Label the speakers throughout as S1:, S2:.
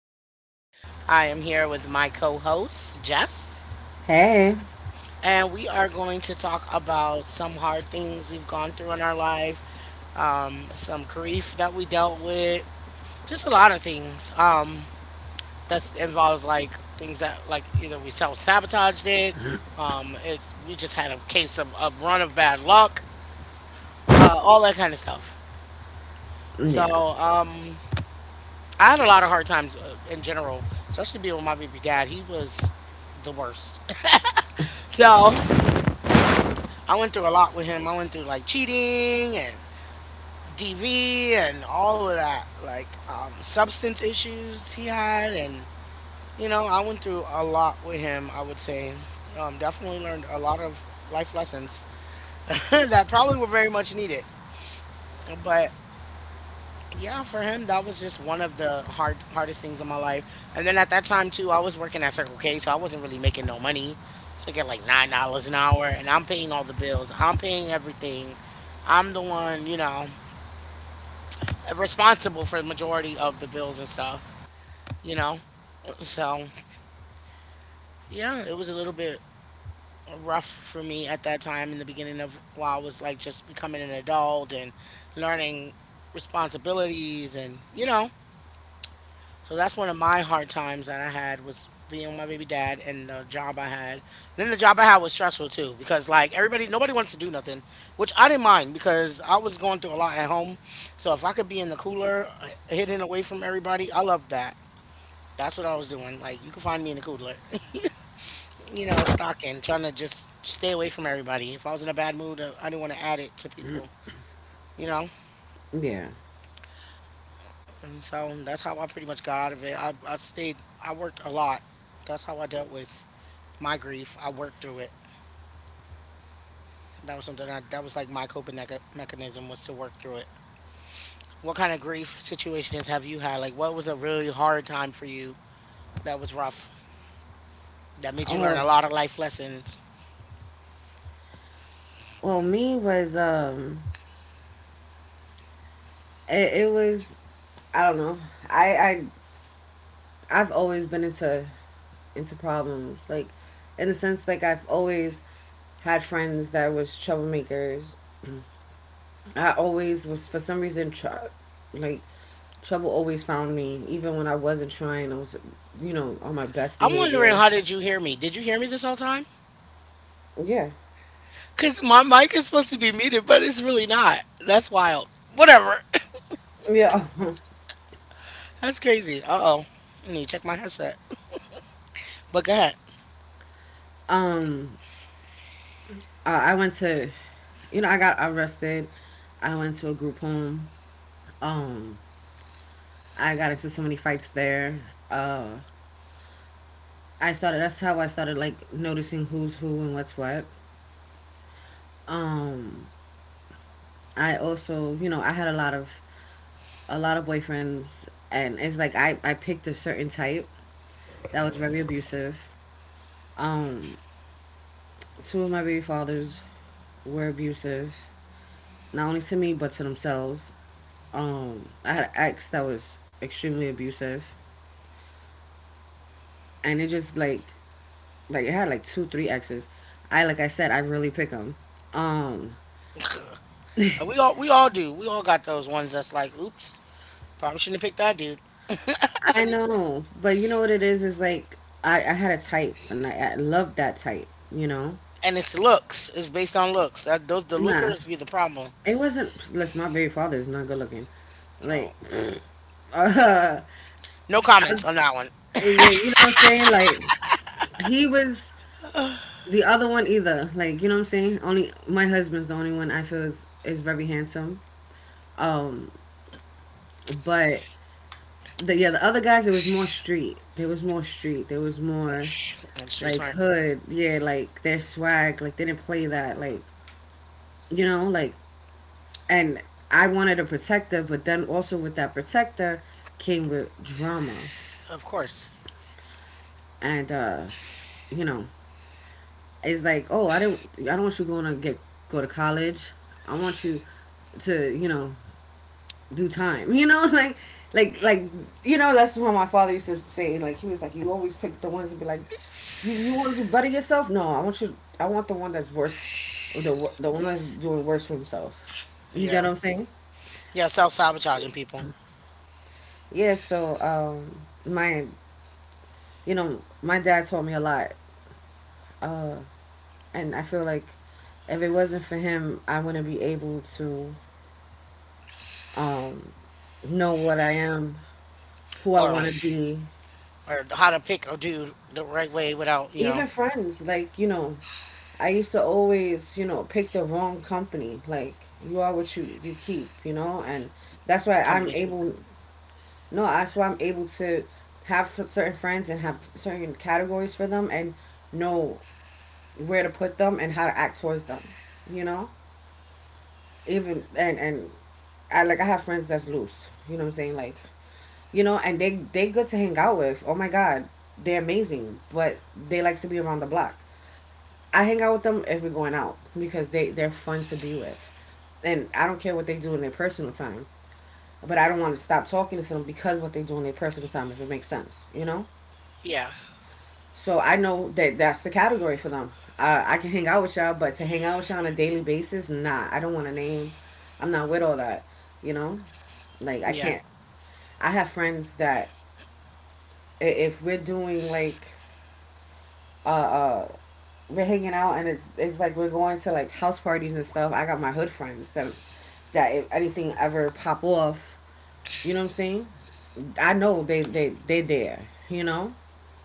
S1: I'm your host. I am here with my co host, Jess,
S2: Hey.
S1: and we are going to talk about some hard things we've gone through in our life, some grief that we dealt with, just a lot of things, that involves, like, things that, like, either we self sabotaged it, we just had a case of a run of bad luck, all that kind of stuff. So,
S2: Yeah.
S1: um, I had a lot of hard times in general, especially being with my baby dad. He was the worst. So I went through a lot with him. I went through like cheating and DV and all of that, like substance issues he had. And I went through a lot with him, I would say. Definitely learned a lot of life lessons that probably were very much needed. But yeah, for him, that was just one of the hardest things in my life. And then at that time too, I was working at Circle K, so I wasn't really making no money. So I get like $9 an hour, and I'm paying all the bills. I'm paying everything. I'm the one responsible for the majority of the bills and stuff. You know, so yeah, it was a little bit rough for me at that time in the beginning of while I was like just becoming an adult and learning responsibilities and so that's one of my hard times that I had was being with my baby dad and the job I had. Then the job I had was stressful too because like everybody, nobody wants to do nothing, which I didn't mind because I was going through a lot at home. So if I could be in the cooler, hidden away from everybody, I loved that. That's what I was doing. Like you could find me in the cooler, stocking, trying to just stay away from everybody. If I was in a bad mood, I didn't want to add it to people, you know.
S2: Yeah.
S1: And so that's how I pretty much got out of it. I stayed. I worked a lot. That's how I dealt with my grief. I worked through it. That was something that was like my coping mechanism was to work through it. What kind of grief situations have you had? Like, what was a really hard time for you that was rough that made
S2: Oh,
S1: you learn a
S2: Well,
S1: lot of life lessons?
S2: well, me was it was, I don't know. I I I've always been into problems, like in the sense like I've always had friends that was troublemakers. I always was for some reason like trouble always found me, even when I wasn't trying. I was, you know, on my best
S1: I'm wondering,
S2: behavior.
S1: how did you hear me? Did you hear me this whole time?
S2: Yeah.
S1: Cause my mic is supposed to be muted, but it's really not. That's wild. Whatever.
S2: Yeah.
S1: That's crazy. Uh oh. I need to check my headset. But go ahead.
S2: I went to, you know, I got arrested. I went to a group home. Um, I got into so many fights there. Uh, I started. That's how I started like noticing who's who and what's what. Um, I also, you know, I had a lot of boyfriends, and it's like I picked a certain type that was very abusive. Um, two of my baby fathers were abusive, not only to me but to themselves. I had an ex that was extremely abusive, and it just like it had like two three exes. I like I said I really pick them. Um,
S1: We all do. We all got those ones that's like, oops, probably shouldn't have picked that dude.
S2: I know, but you know what it is like I had a type and I loved that type. You know,
S1: And it's looks. It's based on looks. That those the
S2: nah,
S1: lookers be the problem.
S2: it wasn't. Listen, my baby father is not good looking. Like,
S1: No,
S2: uh,
S1: no comments
S2: I,
S1: on that one.
S2: yeah, you know what I'm saying? Like he was the other one either. Like you know what I'm saying? Only my husband's the only one I feel is very handsome, but the other guys, it was more street there was more street there was more
S1: Like street
S2: like
S1: smart,
S2: hood, yeah, like their swag, like they didn't play that, like, you know, like, and I wanted a protector, but then also with that protector came with drama.
S1: of course.
S2: And you know, it's like, oh, I don't want you going to get go to college. I want you to, you know, do time. You know, like you know that's what my father used to say. Like he was like, you always pick the ones that be like, you want to do better yourself? No, I want you. I want the one that's worse, the one that's doing worse for himself. You
S1: Yeah,
S2: get what I'm saying?
S1: yeah, self sabotaging people,
S2: Yeah. So my, you know, my dad taught me a lot, and I feel like if it wasn't for him, I wouldn't be able to um know what I am, who I
S1: or
S2: want to be,
S1: or how to pick a dude the right way without
S2: even friends, like, you know, I used to always, you know, pick the wrong company, like you are what you keep, you know. And that's why
S1: becoming
S2: I'm
S1: a cute.
S2: able no that's why I'm able to have certain friends and have certain categories for them and know where to put them and how to act towards them, you know. Even and and I, like, I have friends that's loose, you know what I'm saying, like, you know, and they good to hang out with, oh my god, they're amazing, but they like to be around the block. I hang out with them if we're going out because they're fun to be with, and I don't care what they do in their personal time. But I don't want to stop talking to them because what they do in their personal time, if it makes sense, you know.
S1: Yeah,
S2: So I know that that's the category for them. I can hang out with y'all, but to hang out with y'all on a daily basis, nah. I don't want a name. I'm not with all that, you know. Like I
S1: yeah,
S2: can't. I have friends that if we're doing like a we're hanging out and it's like we're going to like house parties and stuff. I got my hood friends that if anything ever pop off, you know what I'm saying? I know they there, you know?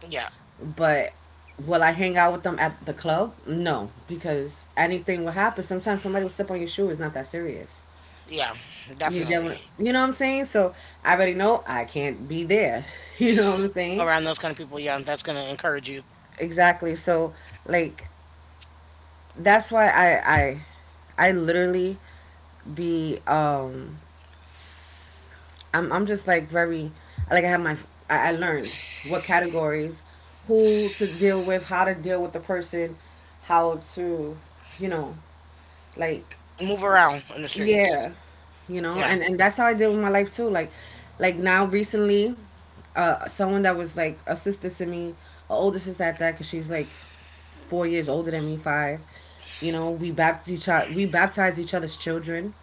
S1: yeah,
S2: But will I hang out with them at the club? No, because anything will happen. Sometimes somebody will step on your shoe. It's not that serious.
S1: yeah,
S2: You get
S1: definitely
S2: what you know what I'm saying? So I already know I can't be there. You know what I'm saying?
S1: around those kind of people. Yeah, that's gonna encourage you
S2: Exactly. So like that's why I literally be I'm just like very like I have my I learned what categories, who to deal with, how to deal with the person, how to, you know, like,
S1: move around in the streets.
S2: yeah, you know,
S1: Yeah,
S2: and that's how I deal with my life too. Like now recently, uh, someone that was like a sister to me, an older sister at that, cause she's like 4 years older than me, five. You know, we baptized each other, we baptized each other's children.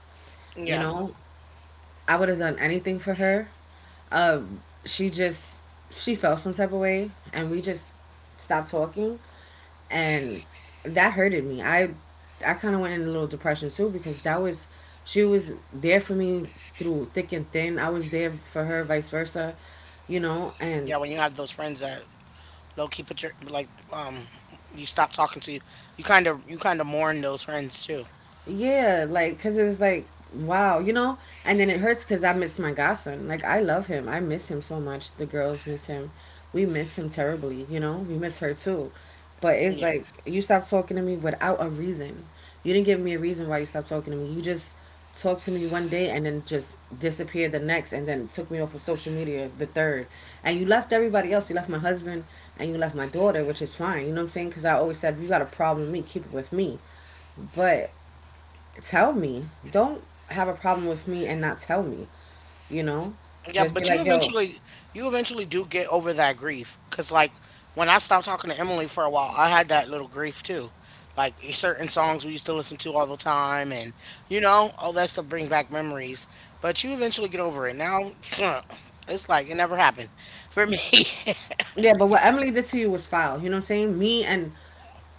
S2: You
S1: yeah,
S2: know, I would have done anything for her. She just, she felt some type of way, and we just stopped talking, and that hurted me. I kind of went in a little depression too because that was, she was there for me through thick and thin. I was there for her, vice versa, you know,
S1: yeah.
S2: and
S1: When you have those friends that low key put your like you stop talking to you. You kind of mourn those friends too.
S2: yeah, like, cause it's like, wow, you know. And then it hurts because I miss my godson. Like, I love him. I miss him so much. The girls miss him. We miss him terribly. You know, we miss her too. But it's
S1: Yeah.
S2: like you stopped talking to me without a reason. You didn't give me a reason why you stopped talking to me. You just talked to me one day and then just disappeared the next, and then took me off of social media the third. And you left everybody else. You left my husband and you left my daughter, which is fine. You know what I'm saying? Because I always said, if you got a problem with me, keep it with me. But tell me. Don't have a problem with me and not tell me. You know,
S1: Yeah,
S2: just be
S1: but you
S2: like, yo,
S1: eventually you eventually do get over that grief cuz like when I stopped talking to Emily for a while, I had that little grief too. Like certain songs we used to listen to all the time and all that stuff bring back memories, but you eventually get over it. Now it's like it never happened for me.
S2: yeah. But what Emily did to you was foul. You know what I'm saying? Me and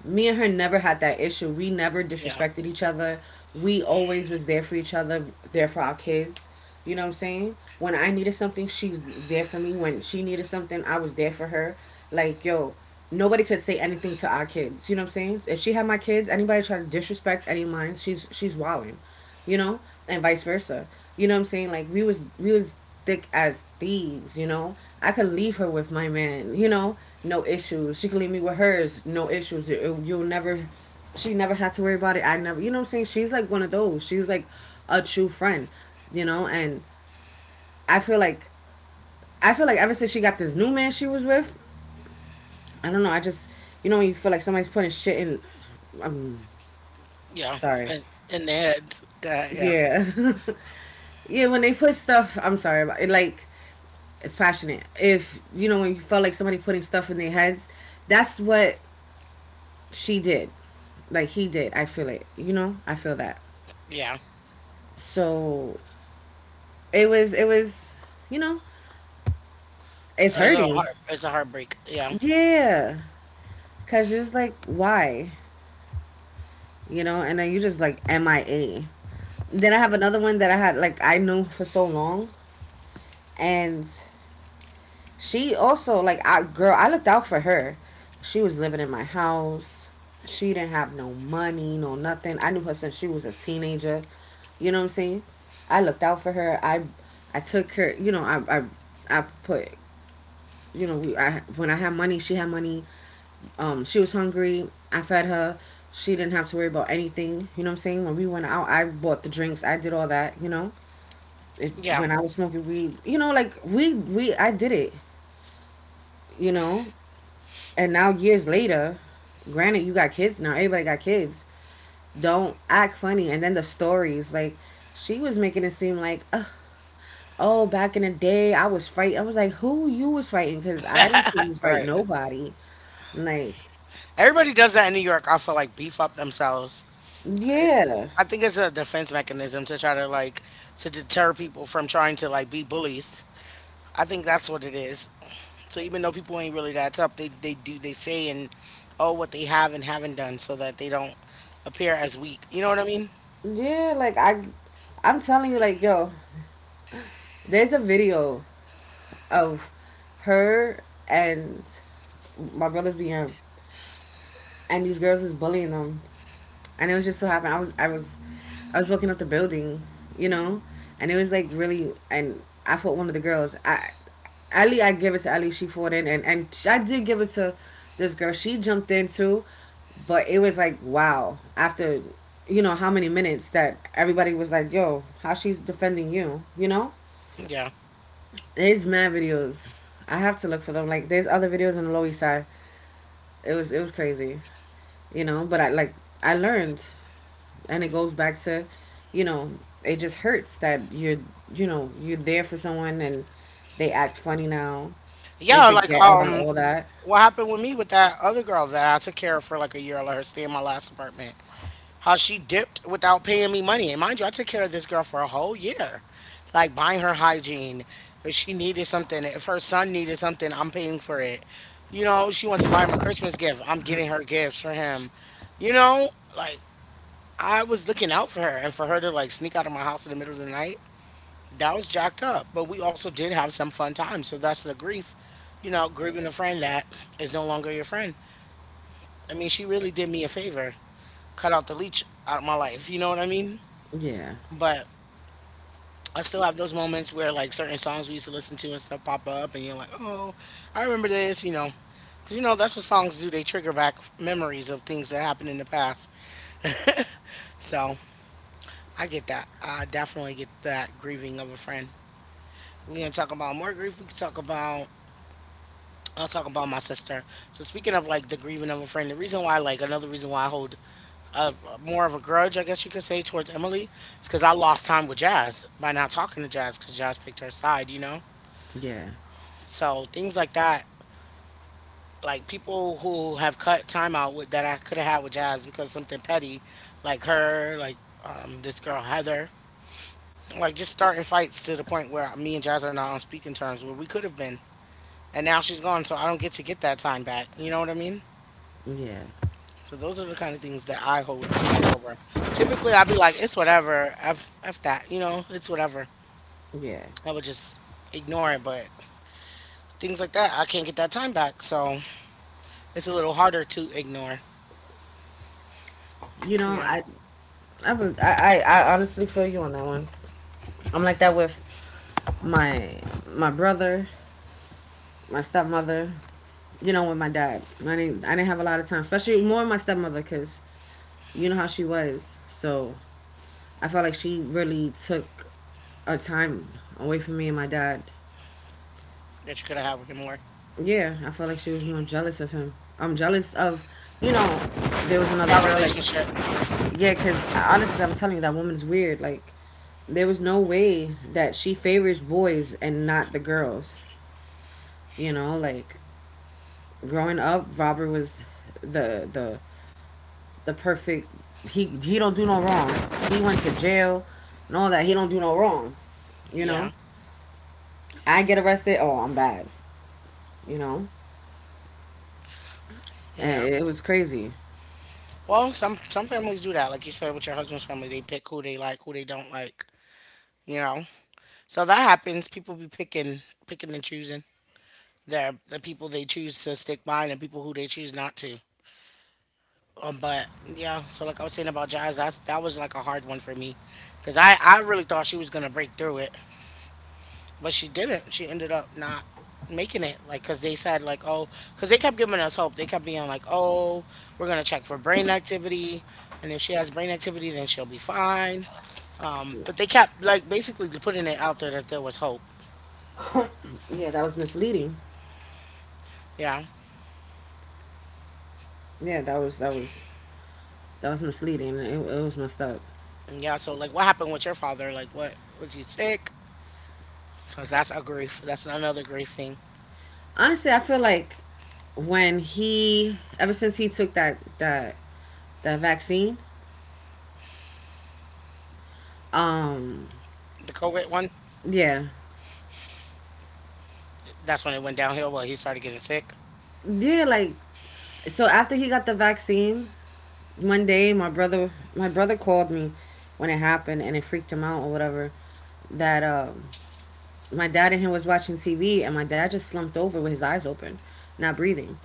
S2: me and her never had that issue. We never
S1: Yeah.
S2: disrespected each other. We always was there for each other, there for our kids. You know what I'm saying? When I needed something, she was there for me. When she needed something, I was there for her. Like, yo, nobody could say anything to our kids. You know what I'm saying? If she had my kids, anybody try to disrespect any of mine, she's wilding. You know, and vice versa. You know what I'm saying? Like we was thick as thieves, you know. I could leave her with my man, you know, no issues. She could leave me with hers, no issues. You'll never, she never had to worry about it. I never, you know what I'm saying? She's like one of those. She's like a true friend, you know. And I feel like I feel like ever since she got this new man she was with, I don't know. I just, you know, when you feel like somebody's putting shit in. I'm
S1: Yeah.
S2: sorry.
S1: It's in the head. God, yeah.
S2: Yeah. Yeah, when they put stuff, I'm sorry about it. Like, it's passionate. If you know when you felt like somebody putting stuff in their heads, that's what she did. Like he did. I feel it. You know, I feel that.
S1: Yeah.
S2: So it was. It was. You know, it's
S1: A little
S2: hurting.
S1: heart. It's a heartbreak. Yeah.
S2: Yeah, cause it's like why, you know, and then you just like MIA. Then I have another one that I had, like I knew for so long, and she also, like I, girl, I looked out for her. She was living in my house. She didn't have no money, no nothing. I knew her since she was a teenager. You know what I'm saying? I looked out for her. I took her, you know, I put, you know, we I when I had money, she had money. Um, she was hungry. I fed her. She didn't have to worry about anything. You know what I'm saying? When we went out, I bought the drinks. I did all that, you know. It,
S1: Yeah.
S2: when I was smoking weed, you know, like we I did it, you know. And now years later, granted you got kids now, everybody got kids. Don't act funny. And then the stories, like she was making it seem like, ugh, oh, back in the day I was fighting. I was like, who you was fighting? Because I didn't see you fight
S1: Right.
S2: nobody. Like,
S1: Everybody does that in New York. I feel like beef up themselves.
S2: yeah,
S1: I think it's a defense mechanism to try to like to deter people from trying to like be bullies. I think that's what it is. So even though people ain't really that tough, they do, they say, and, oh, what they have and haven't done so that they don't appear as weak. You know what I mean?
S2: yeah. Like I, I'm telling you, like yo, there's a video of her and my brother's being, and these girls is bullying them, and it was just so happened I was looking up the building, you know, and it was like really and I fought one of the girls. I, Ali, I give it to Ali. She fought in, and I did give it to this girl. She jumped in too, but it was like, wow. After how many minutes, that everybody was like, "Yo, how she's defending you?" You know,
S1: Yeah.
S2: there's mad videos. I have to look for them. Like, there's other videos on the Low East Side. It was crazy, you know. But I, like, I learned, and it goes back to you know it just hurts that you're you know you're there for someone, and they act funny now. They
S1: Yeah, like
S2: forget about all that.
S1: what happened with me with that other girl that I took care of for like a year, I let her stay in my last apartment. How she dipped without paying me money. And mind you, I took care of this girl for a whole year, like buying her hygiene. If she needed something, if her son needed something, I'm paying for it. She wants to buy him a Christmas gift. I'm getting her gifts for him. You know, like I was looking out for her, and for her to like sneak out of my house in the middle of the night, that was jacked up. But we also did have some fun times. So that's the grief, grieving a friend that is no longer your friend. I mean, she really did me a favor, cut out the leech out of my life. You know what I mean?
S2: Yeah,
S1: But I still have those moments where like certain songs we used to listen to and stuff pop up, and you're like, oh, I remember this, because that's what songs do. They trigger back memories of things that happened in the past. So I get that. I definitely get that grieving of a friend. We're gonna talk about more grief. We can talk about. I'll talk about my sister. So speaking of like the grieving of a friend, the reason why like another reason why I hold uh, more of a grudge, I guess you could say, towards Emily, is because I lost time with Jazz by not talking to Jazz because Jazz picked her side.
S2: yeah,
S1: So things like that, like people who have cut time out with that I could have had with Jazz because something petty, like her, like this girl Heather, like just starting fights to the point where me and Jazz are not on speaking terms where we could have been, and now she's gone, so I don't get to get that time back. You know what I mean?
S2: yeah,
S1: So those are the kind of things that I hold a grudge over. Typically, I'd be like, it's whatever, f that, it's whatever.
S2: yeah.
S1: I would just ignore it, but things like that, I can't get that time back, so it's a little harder to ignore.
S2: You know,
S1: You know.
S2: I was I honestly feel you on that one. I'm like that with my my brother, my stepmother. You know, with my dad, I didn't have a lot of time, especially more with my stepmother, because you know how she was, so I felt like she really took a time away from me and my dad.
S1: That you could have with him more.
S2: Yeah, I felt like she was more jealous of him. I'm jealous of, you know, there was another
S1: That
S2: girl. Like,
S1: relationship.
S2: yeah, because honestly, I'm telling you, that woman's weird. Like, there was no way that she favors boys and not the girls. You know, like, growing up, Robert was the the the perfect. He don't do no wrong. He went to jail and all that. He don't do no wrong. You know,
S1: Yeah.
S2: I get arrested. Oh, I'm bad. you know
S1: Yeah.
S2: and it was crazy.
S1: Well, some families do that. Like you said with your husband's family, they pick who they like, who they don't like, you know. So that happens. People be picking and choosing. The people they choose to stick by and the people who they choose not to. But yeah, so like I was saying about Jazz, that was like a hard one for me, because I really thought she was gonna break through it, but she didn't. She ended up not making it, like, cause they said like, oh, cause they kept giving us hope. They kept being like, oh, we're gonna check for brain activity, and if she has brain activity, then she'll be fine. But they kept like basically putting it out there that there was hope.
S2: Yeah, that was misleading.
S1: Yeah,
S2: Yeah, that was, that was misleading. It was messed up.
S1: yeah. So like, what happened with your father? Like, what was he sick? So that's a grief. That's another grief thing.
S2: Honestly, I feel like when he ever since he took that vaccine. um
S1: The COVID one,
S2: yeah.
S1: that's when it went downhill. Well, he started getting sick.
S2: Yeah, like, so after he got the vaccine, one day my brother, called me when it happened, and it freaked him out or whatever, that, my dad and him was watching TV, and my dad just slumped over with his eyes open, not breathing,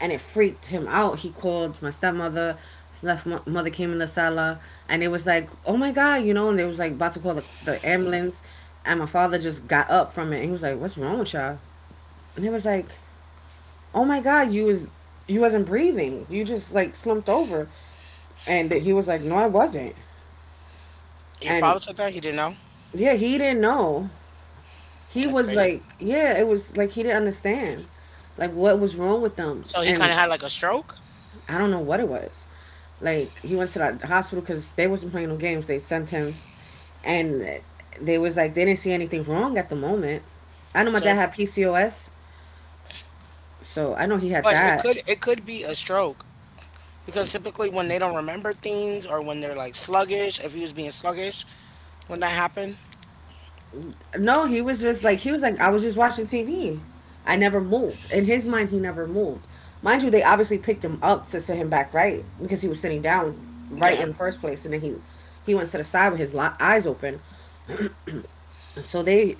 S2: and it freaked him out. He called my stepmother. Stepmother came in the sala, and it was like, "Oh my God," you know, and they was like about to call the ambulance, and my father just got up from it. And he was like, "What's wrong with y'all?" And it was like, "Oh my God, you wasn't breathing. You just like slumped over." And he was like, "No, I wasn't."
S1: Your
S2: And
S1: father said that he didn't know.
S2: yeah, he didn't know. He
S1: That's
S2: was
S1: crazy.
S2: like, yeah, it was like he didn't understand, like, what was wrong with them,
S1: So he kind
S2: and
S1: of had like a stroke.
S2: I don't know what it was. Like, he went to the hospital because they wasn't playing no games. They sent him, and they was like they didn't see anything wrong at the moment. I know my
S1: So
S2: dad
S1: it
S2: had PCOS, so I know he had
S1: But it
S2: that.
S1: could be a stroke because typically when they don't remember things or when they're like sluggish, if he was being sluggish when that happened,
S2: No, he was like, "I was just watching TV. I never moved." In his mind, he never moved. Mind you, they obviously picked him up to sit him back right because he was sitting down right
S1: yeah.
S2: in the first place, and then he went to the side with his eyes open. So they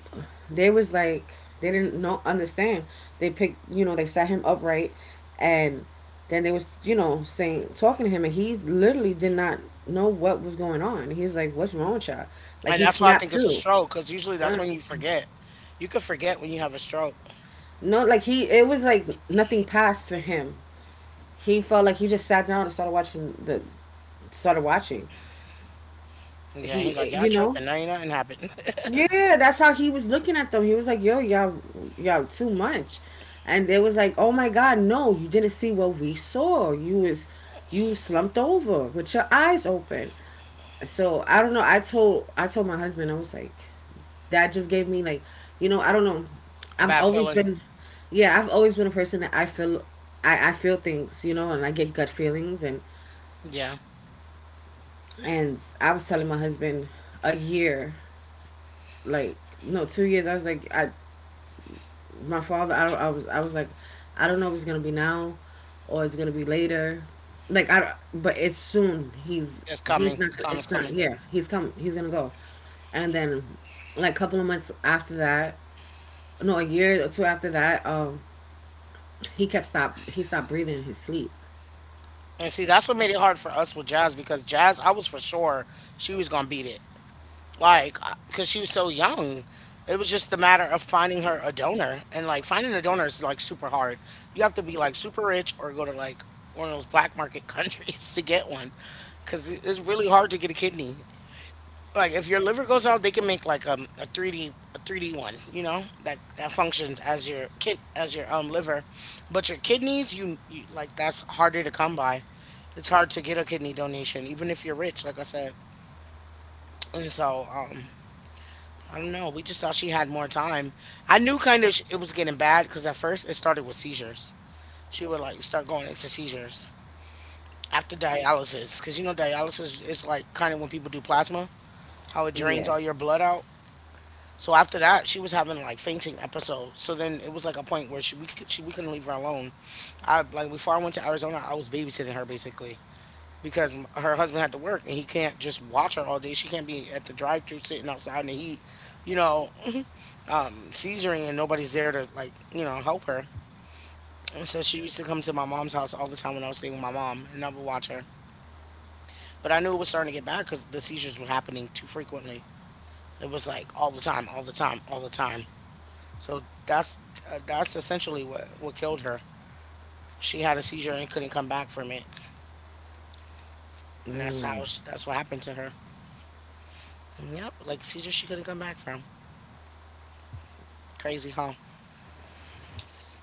S2: they was like they didn't know understand. They picked you know they sat him upright, and then they was you know saying talking to him, and he literally did not know what was going on. He's like, "What's wrong with y'all?" Like,
S1: And
S2: he
S1: that's why I
S2: snapped
S1: think it's a
S2: too.
S1: stroke because usually that's
S2: Huh?
S1: when you forget. You could forget when you have a stroke.
S2: No, like, it was like nothing passed for him. He felt like he just sat down and started watching.
S1: Yeah, he's like,
S2: He,
S1: y'all tripping. Now ain't nothing happened.
S2: yeah, that's how he was looking at them. He was like, "Yo, y'all, y'all too much." And they was like, "Oh my God, no, you didn't see what we saw. You slumped over with your eyes open." So I don't know. I told my husband, I was like, that just gave me like, you know, I don't know.
S1: A
S2: I've
S1: bad
S2: always
S1: feeling.
S2: been, yeah, I've always been a person that I feel things, you know, and I get gut feelings, and
S1: Yeah,
S2: and I was telling my husband a year, like, no, 2 years. I was like, I, my father. I don't. I was like, I don't know if it's gonna be now, or it's gonna be later. Like, I. But it's soon. He's
S1: it's
S2: he's
S1: coming.
S2: not
S1: The
S2: gonna.
S1: time is
S2: It's not.
S1: coming.
S2: Yeah, he's coming. He's gonna go. And then, like, a couple of months after that, no, a year or two after that, He kept stop. He stopped breathing in his sleep.
S1: And see, that's what made it hard for us with Jazz because Jazz, I was for sure she was gonna beat it. Like because she was so young, it was just a matter of finding her a donor. And like finding a donor is like super hard. You have to be like super rich or go to like one of those black market countries to get one because it's really hard to get a kidney. Like if your liver goes out, they can make like a 3D a 3D one, that functions as your kid as your liver. But your kidneys, you like that's harder to come by. It's hard to get a kidney donation even if you're rich, like I said. And so, I don't know. We just thought she had more time. I knew kind of it was getting bad because at first it started with seizures. She would like start going into seizures after dialysis because you know dialysis is like kind of when people do plasma, how it drains
S2: Yeah,
S1: all your blood out. So after that, she was having like fainting episodes. So then it was like a point where she we could she we couldn't leave her alone. I like before I went to Arizona, I was babysitting her basically because her husband had to work and he can't just watch her all day. She can't be at the drive-through sitting outside in the heat, you know, seizuring and nobody's there to like you know help her. And so she used to come to my mom's house all the time when I was staying with my mom and I would watch her. But I knew it was starting to get bad because the seizures were happening too frequently. It was like all the time, all the time, all the time. So that's essentially what killed her. She had a seizure and couldn't come back from it. And that's how she, that's what happened to her. Yep, like a seizure she couldn't come back from. Crazy, huh?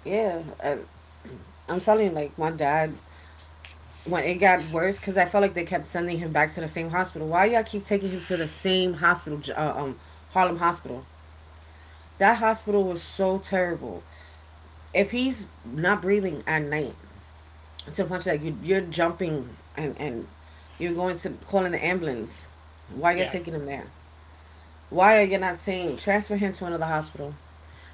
S2: yeah. I'm telling you, like, my dad, when it got worse, because I felt like they kept sending him back to the same hospital. Why y'all keep taking him to the same hospital, Harlem Hospital? That hospital was so terrible. If he's not breathing at night, to the point that you're jumping, and you're going to calling the ambulance. Why you all
S1: Yeah.
S2: taking him there? Why are you not saying transfer him to another hospital?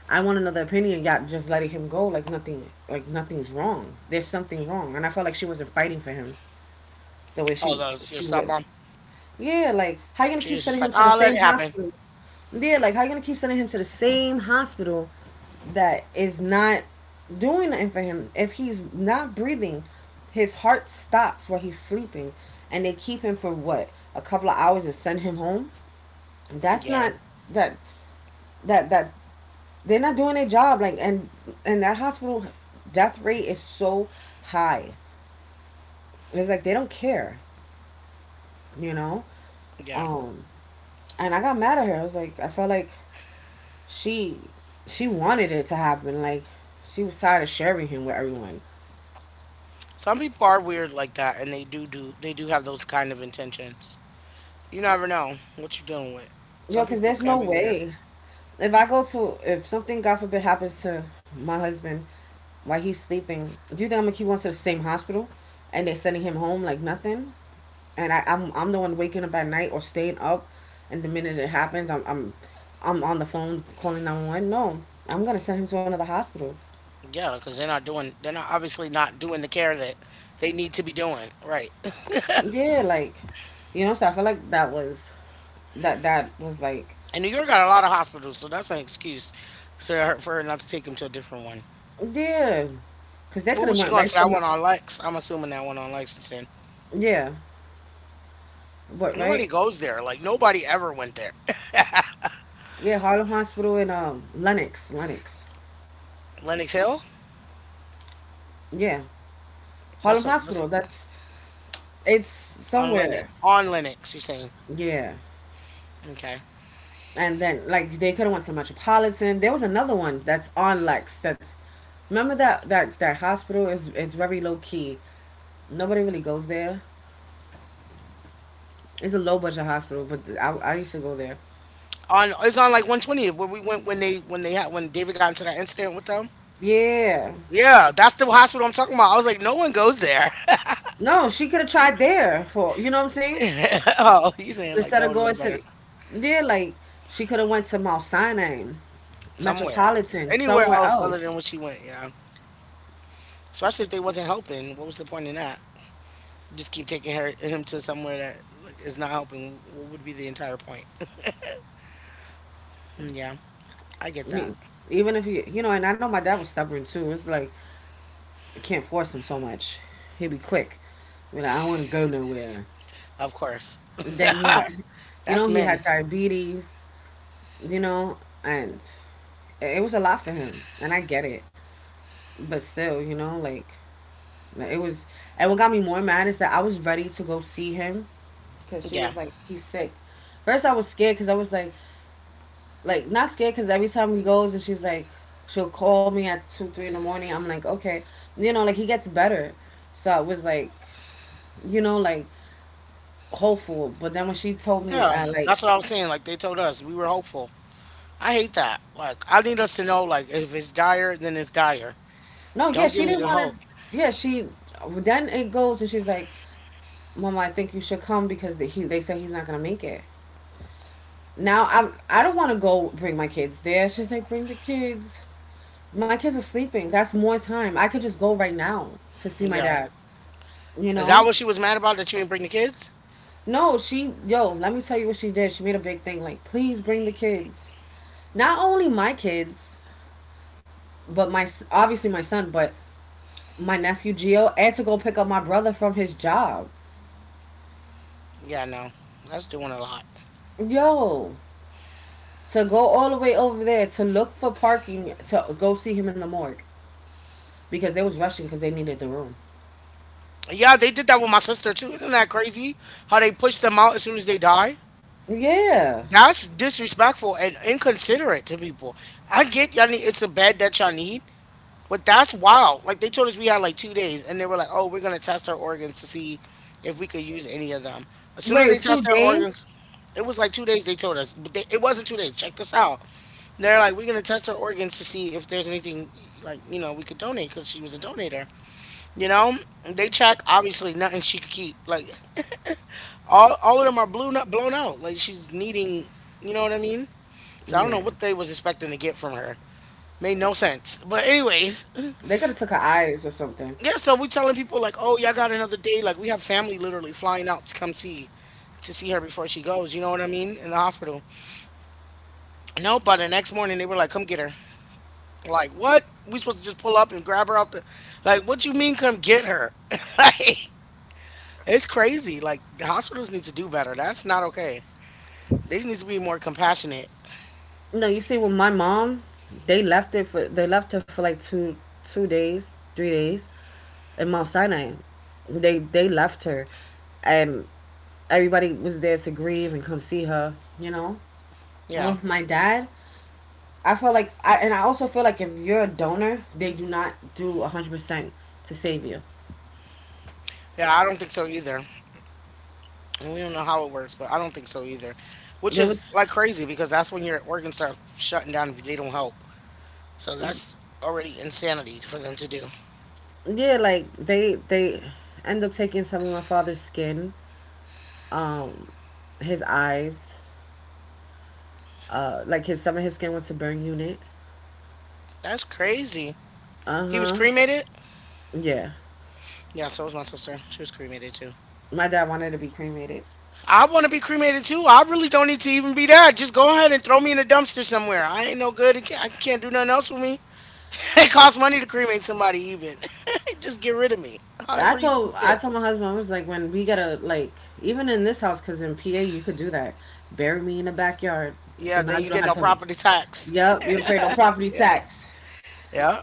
S2: I want another opinion. Got just letting him go like nothing, like nothing's wrong. There's something wrong, and I felt like she wasn't fighting for him the way
S1: Oh,
S2: she
S1: the, your
S2: she was.
S1: stepmom.
S2: Yeah, like, how you gonna
S1: She
S2: keep
S1: was just
S2: sending
S1: like,
S2: him to the
S1: oh, let
S2: same
S1: it happen.
S2: hospital? Yeah, like, how you gonna keep sending him to the same hospital that is not doing nothing for him? If he's not breathing, his heart stops while he's sleeping, and they keep him for what, a couple of hours, and send him home. That's
S1: Yeah.
S2: not, that that they're not doing their job, like, and that hospital death rate is so high. And it's like they don't care, you know.
S1: Yeah.
S2: Um and I got mad at her. I was like, I felt like she she wanted it to happen. Like, she was tired of sharing him with everyone.
S1: Some people are weird like that, and they do have those kind of intentions. You never know what you're dealing with.
S2: Yo,
S1: Some
S2: because
S1: people
S2: there's no
S1: can be weird,
S2: way, if something, God forbid, happens to my husband while he's sleeping. Do you think I'm gonna keep going to the same hospital, and they're sending him home like nothing? And I'm the one waking up at night or staying up, and the minute it happens, I'm on the phone calling 911. No, I'm gonna send him to another hospital.
S1: yeah, because they're not doing, they're not obviously not doing the care that they need to be doing, right?
S2: Yeah, like, you know. So I feel like that was, that was like,
S1: And New York got a lot of hospitals, so that's an excuse for her not to take him to a different one.
S2: yeah, cause that could
S1: What
S2: have
S1: was she
S2: went
S1: going
S2: right
S1: to
S2: to
S1: that
S2: my,
S1: one on Lex? I'm assuming that one on Lexington.
S2: yeah. What?
S1: Nobody
S2: Right.
S1: goes there. Like nobody ever went there.
S2: Yeah, Harlem Hospital in, Lenox,
S1: Lennox Hill?
S2: yeah.
S1: That's
S2: Harlem
S1: a that's
S2: Hospital. That's it's
S1: on Lennox,
S2: somewhere.
S1: on Lennox. You're saying,
S2: Yeah.
S1: okay?
S2: And then, like, they could have went to Metropolitan. There was another one that's on Lex. That's remember that hospital, is it's very low key. Nobody really goes there. It's a low budget hospital, but I used to go there.
S1: On it's on like 120 where we went when they had when David got into that incident with them.
S2: Yeah.
S1: Yeah, that's the hospital I'm talking about. I was like, no one goes there.
S2: No, she could have tried there. For you know what I'm saying?
S1: Oh, he's saying like
S2: Instead
S1: that
S2: of
S1: would have
S2: going
S1: been
S2: to
S1: better
S2: the, yeah, like, she could have went to Mount Sinai,
S1: somewhere else,
S2: Metropolitan,
S1: anywhere
S2: somewhere
S1: else other than
S2: else.
S1: what she went. Yeah, especially if they wasn't helping. What was the point in that? Just keep taking her him to somewhere that like, is not helping. What would be the entire point? Yeah, I get that.
S2: You- Even if you, you know, and I know my dad was stubborn too. It's like, you can't force him so much. He'd be quick. Be like, I don't want to go nowhere.
S1: Of course,
S2: Then he had, you
S1: that's
S2: know, he
S1: men.
S2: had diabetes, you know, and it was a lot for him. And I get it. But still, you know, like, it was. And what got me more mad is that I was ready to go see him because she
S1: Yeah,
S2: was like, he's sick. First, I was scared because I was like, not scared, because every time he goes and she'll call me at 2, 3 in the morning. I'm like, okay. You know, like, he gets better. So I was like, you know, like, hopeful. But then when she told me,
S1: yeah,
S2: I, like,
S1: that's what I was saying. Like they told us, we were hopeful. I hate that. Like, I need us to know, like, if it's dire, then it's dire.
S2: no. Yeah,
S1: Don't
S2: she
S1: give me
S2: didn't
S1: the
S2: want to.
S1: hope.
S2: Yeah, she. Then it goes, and she's like, "Mama, I think you should come because they said he's not gonna make it." Now I don't want to go bring my kids there. She's like, "Bring the kids. My kids are sleeping. That's more time. I could just go right now to see my
S1: Yeah.
S2: dad." You
S1: Is that
S2: know?
S1: what she was mad about, that you didn't bring the kids?
S2: No, she. Yo, let me tell you what she did. She made a big thing, like, "Please bring the kids." Not only my kids, but obviously my son, but my nephew Gio, and to go pick up my brother from his job.
S1: Yeah, no. That's doing a lot.
S2: Yo, to go all the way over there to look for parking, to go see him in the morgue, because they was rushing, because they needed the room.
S1: Yeah, they did that with my sister too. Isn't that crazy? How they push them out as soon as they die?
S2: Yeah.
S1: That's disrespectful and inconsiderate to people. I get y'all need it's a bed that y'all need, but that's wild. Like they told us we had like 2 days, and they were like, "Oh, we're gonna test our organs to see if we could use any of them." As soon as they
S2: Wait, two
S1: tested our
S2: days?
S1: organs, it was like 2 days. They told us, but they, it wasn't 2 days. Check this out. They're like, "We're gonna test our organs to see if there's anything like you know we could donate because she was a donator." You know, they check. Obviously, nothing she could keep. Like all of them are blown up, blown out. Like she's needing. You know what I mean? So I don't know
S2: Yeah.
S1: what they was expecting to get from her. Made no sense. But anyways.
S2: They could have took her eyes or something.
S1: Yeah, so we telling people like, oh, y'all got another day. Like we have family literally flying out to come see, to see her before she goes. You know what I mean? In the hospital. No, but the next morning they were like, come get her. Like what? We supposed to just pull up and grab her out the? Like what you mean come get her? Like it's crazy. Like the hospitals need to do better. That's not okay. They need to be more compassionate.
S2: No, you see, with my mom, they left her for like two days, 3 days in Mount Sinai. They left her, and everybody was there to grieve and come see her. You know. Well,
S1: Yeah.
S2: with my dad, I feel like, and I also feel like if you're a donor, they do not do 100% to save you.
S1: Yeah, I don't think so either. And we don't know how it works, but I don't think so either. Which
S2: There
S1: is
S2: was,
S1: like crazy because that's when your organs start shutting down if they don't help. So that's already insanity for them to do.
S2: yeah, like, they end up taking some of my father's skin, um, his eyes, like, his some of his skin went to burn unit.
S1: That's crazy.
S2: Uh
S1: He was
S2: huh.
S1: cremated?
S2: Yeah,
S1: Yeah, so was my sister. She was cremated too.
S2: my dad wanted to be cremated.
S1: I want to be cremated too. I really don't need to even be that. Just go ahead and throw me in a dumpster somewhere. I ain't no good. I can't do nothing else with me. It costs money to cremate somebody, even. Just get rid of me,
S2: I
S1: however you see
S2: told I
S1: fit.
S2: told my husband, I was like, when we gotta, like, even in this house, because in PA you could do that. Bury me in the backyard,
S1: Yeah,
S2: so now
S1: then
S2: you
S1: you
S2: don't
S1: get
S2: have
S1: no
S2: to.
S1: property tax.
S2: Yep, you don't pay no property
S1: Yeah,
S2: tax.
S1: yeah.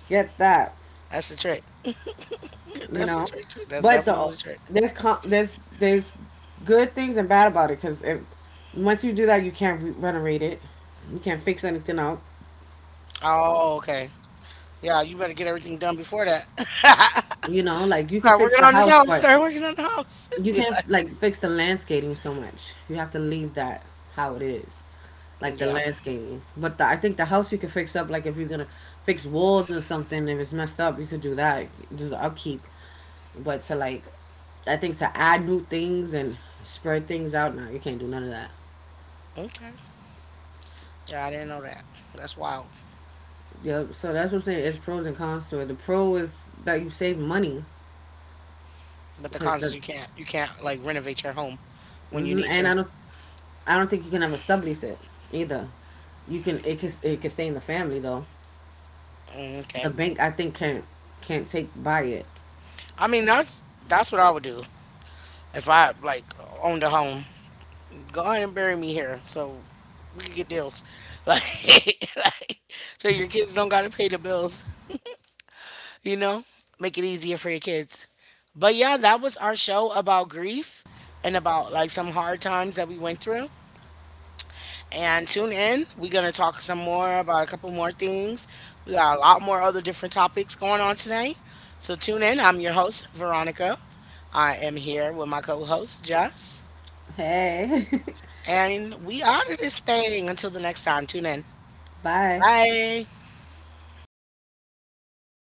S2: Get that.
S1: That's the trick.
S2: You
S1: That's the
S2: know.
S1: trick too. That's
S2: But
S1: definitely
S2: the
S1: the trick.
S2: there's, there's good things and bad about it, because if once you do that, you can't, renovate it. You can't fix anything out.
S1: Oh, okay. Yeah, you better get everything done before that.
S2: You know, like, you could
S1: Start
S2: fix
S1: working
S2: the
S1: on this
S2: house,
S1: house.
S2: but
S1: Start working on the house.
S2: you
S1: Be
S2: can't,
S1: like,
S2: like, fix the landscaping so much. You have to leave that how it is, like, the
S1: yeah,
S2: landscaping. But I think the house you can fix up. Like, if you're gonna fix walls or something, if it's messed up, you could do that. Do the upkeep. But to, like, I think to add new things and spread things out now, you can't do none of that.
S1: okay, yeah, I didn't know that. That's wild.
S2: Yep. So that's what I'm saying. It's pros and cons to it. The pro is that you save money,
S1: But the
S2: because
S1: cons is you can't like renovate your home when you need
S2: and I
S1: to.
S2: don't I don't think you can ever sublease it either. You can it can it can stay in the family, though.
S1: Mm, okay,
S2: The bank, I think, can't take buy it.
S1: I mean that's what I would do if I like owned a home. Go ahead and bury me here so we can get deals, like so your kids don't gotta pay the bills. You know, make it easier for your kids. But yeah, that was our show about grief and about like some hard times that we went through. And tune in. We're going to talk some more about a couple more things. We got a lot more other different topics going on today. So tune in. I'm your host, Veronica. I am here with my co host, Jess.
S2: Hey,
S1: And we out of this thing until the next time. Tune in.
S2: bye.
S1: Bye.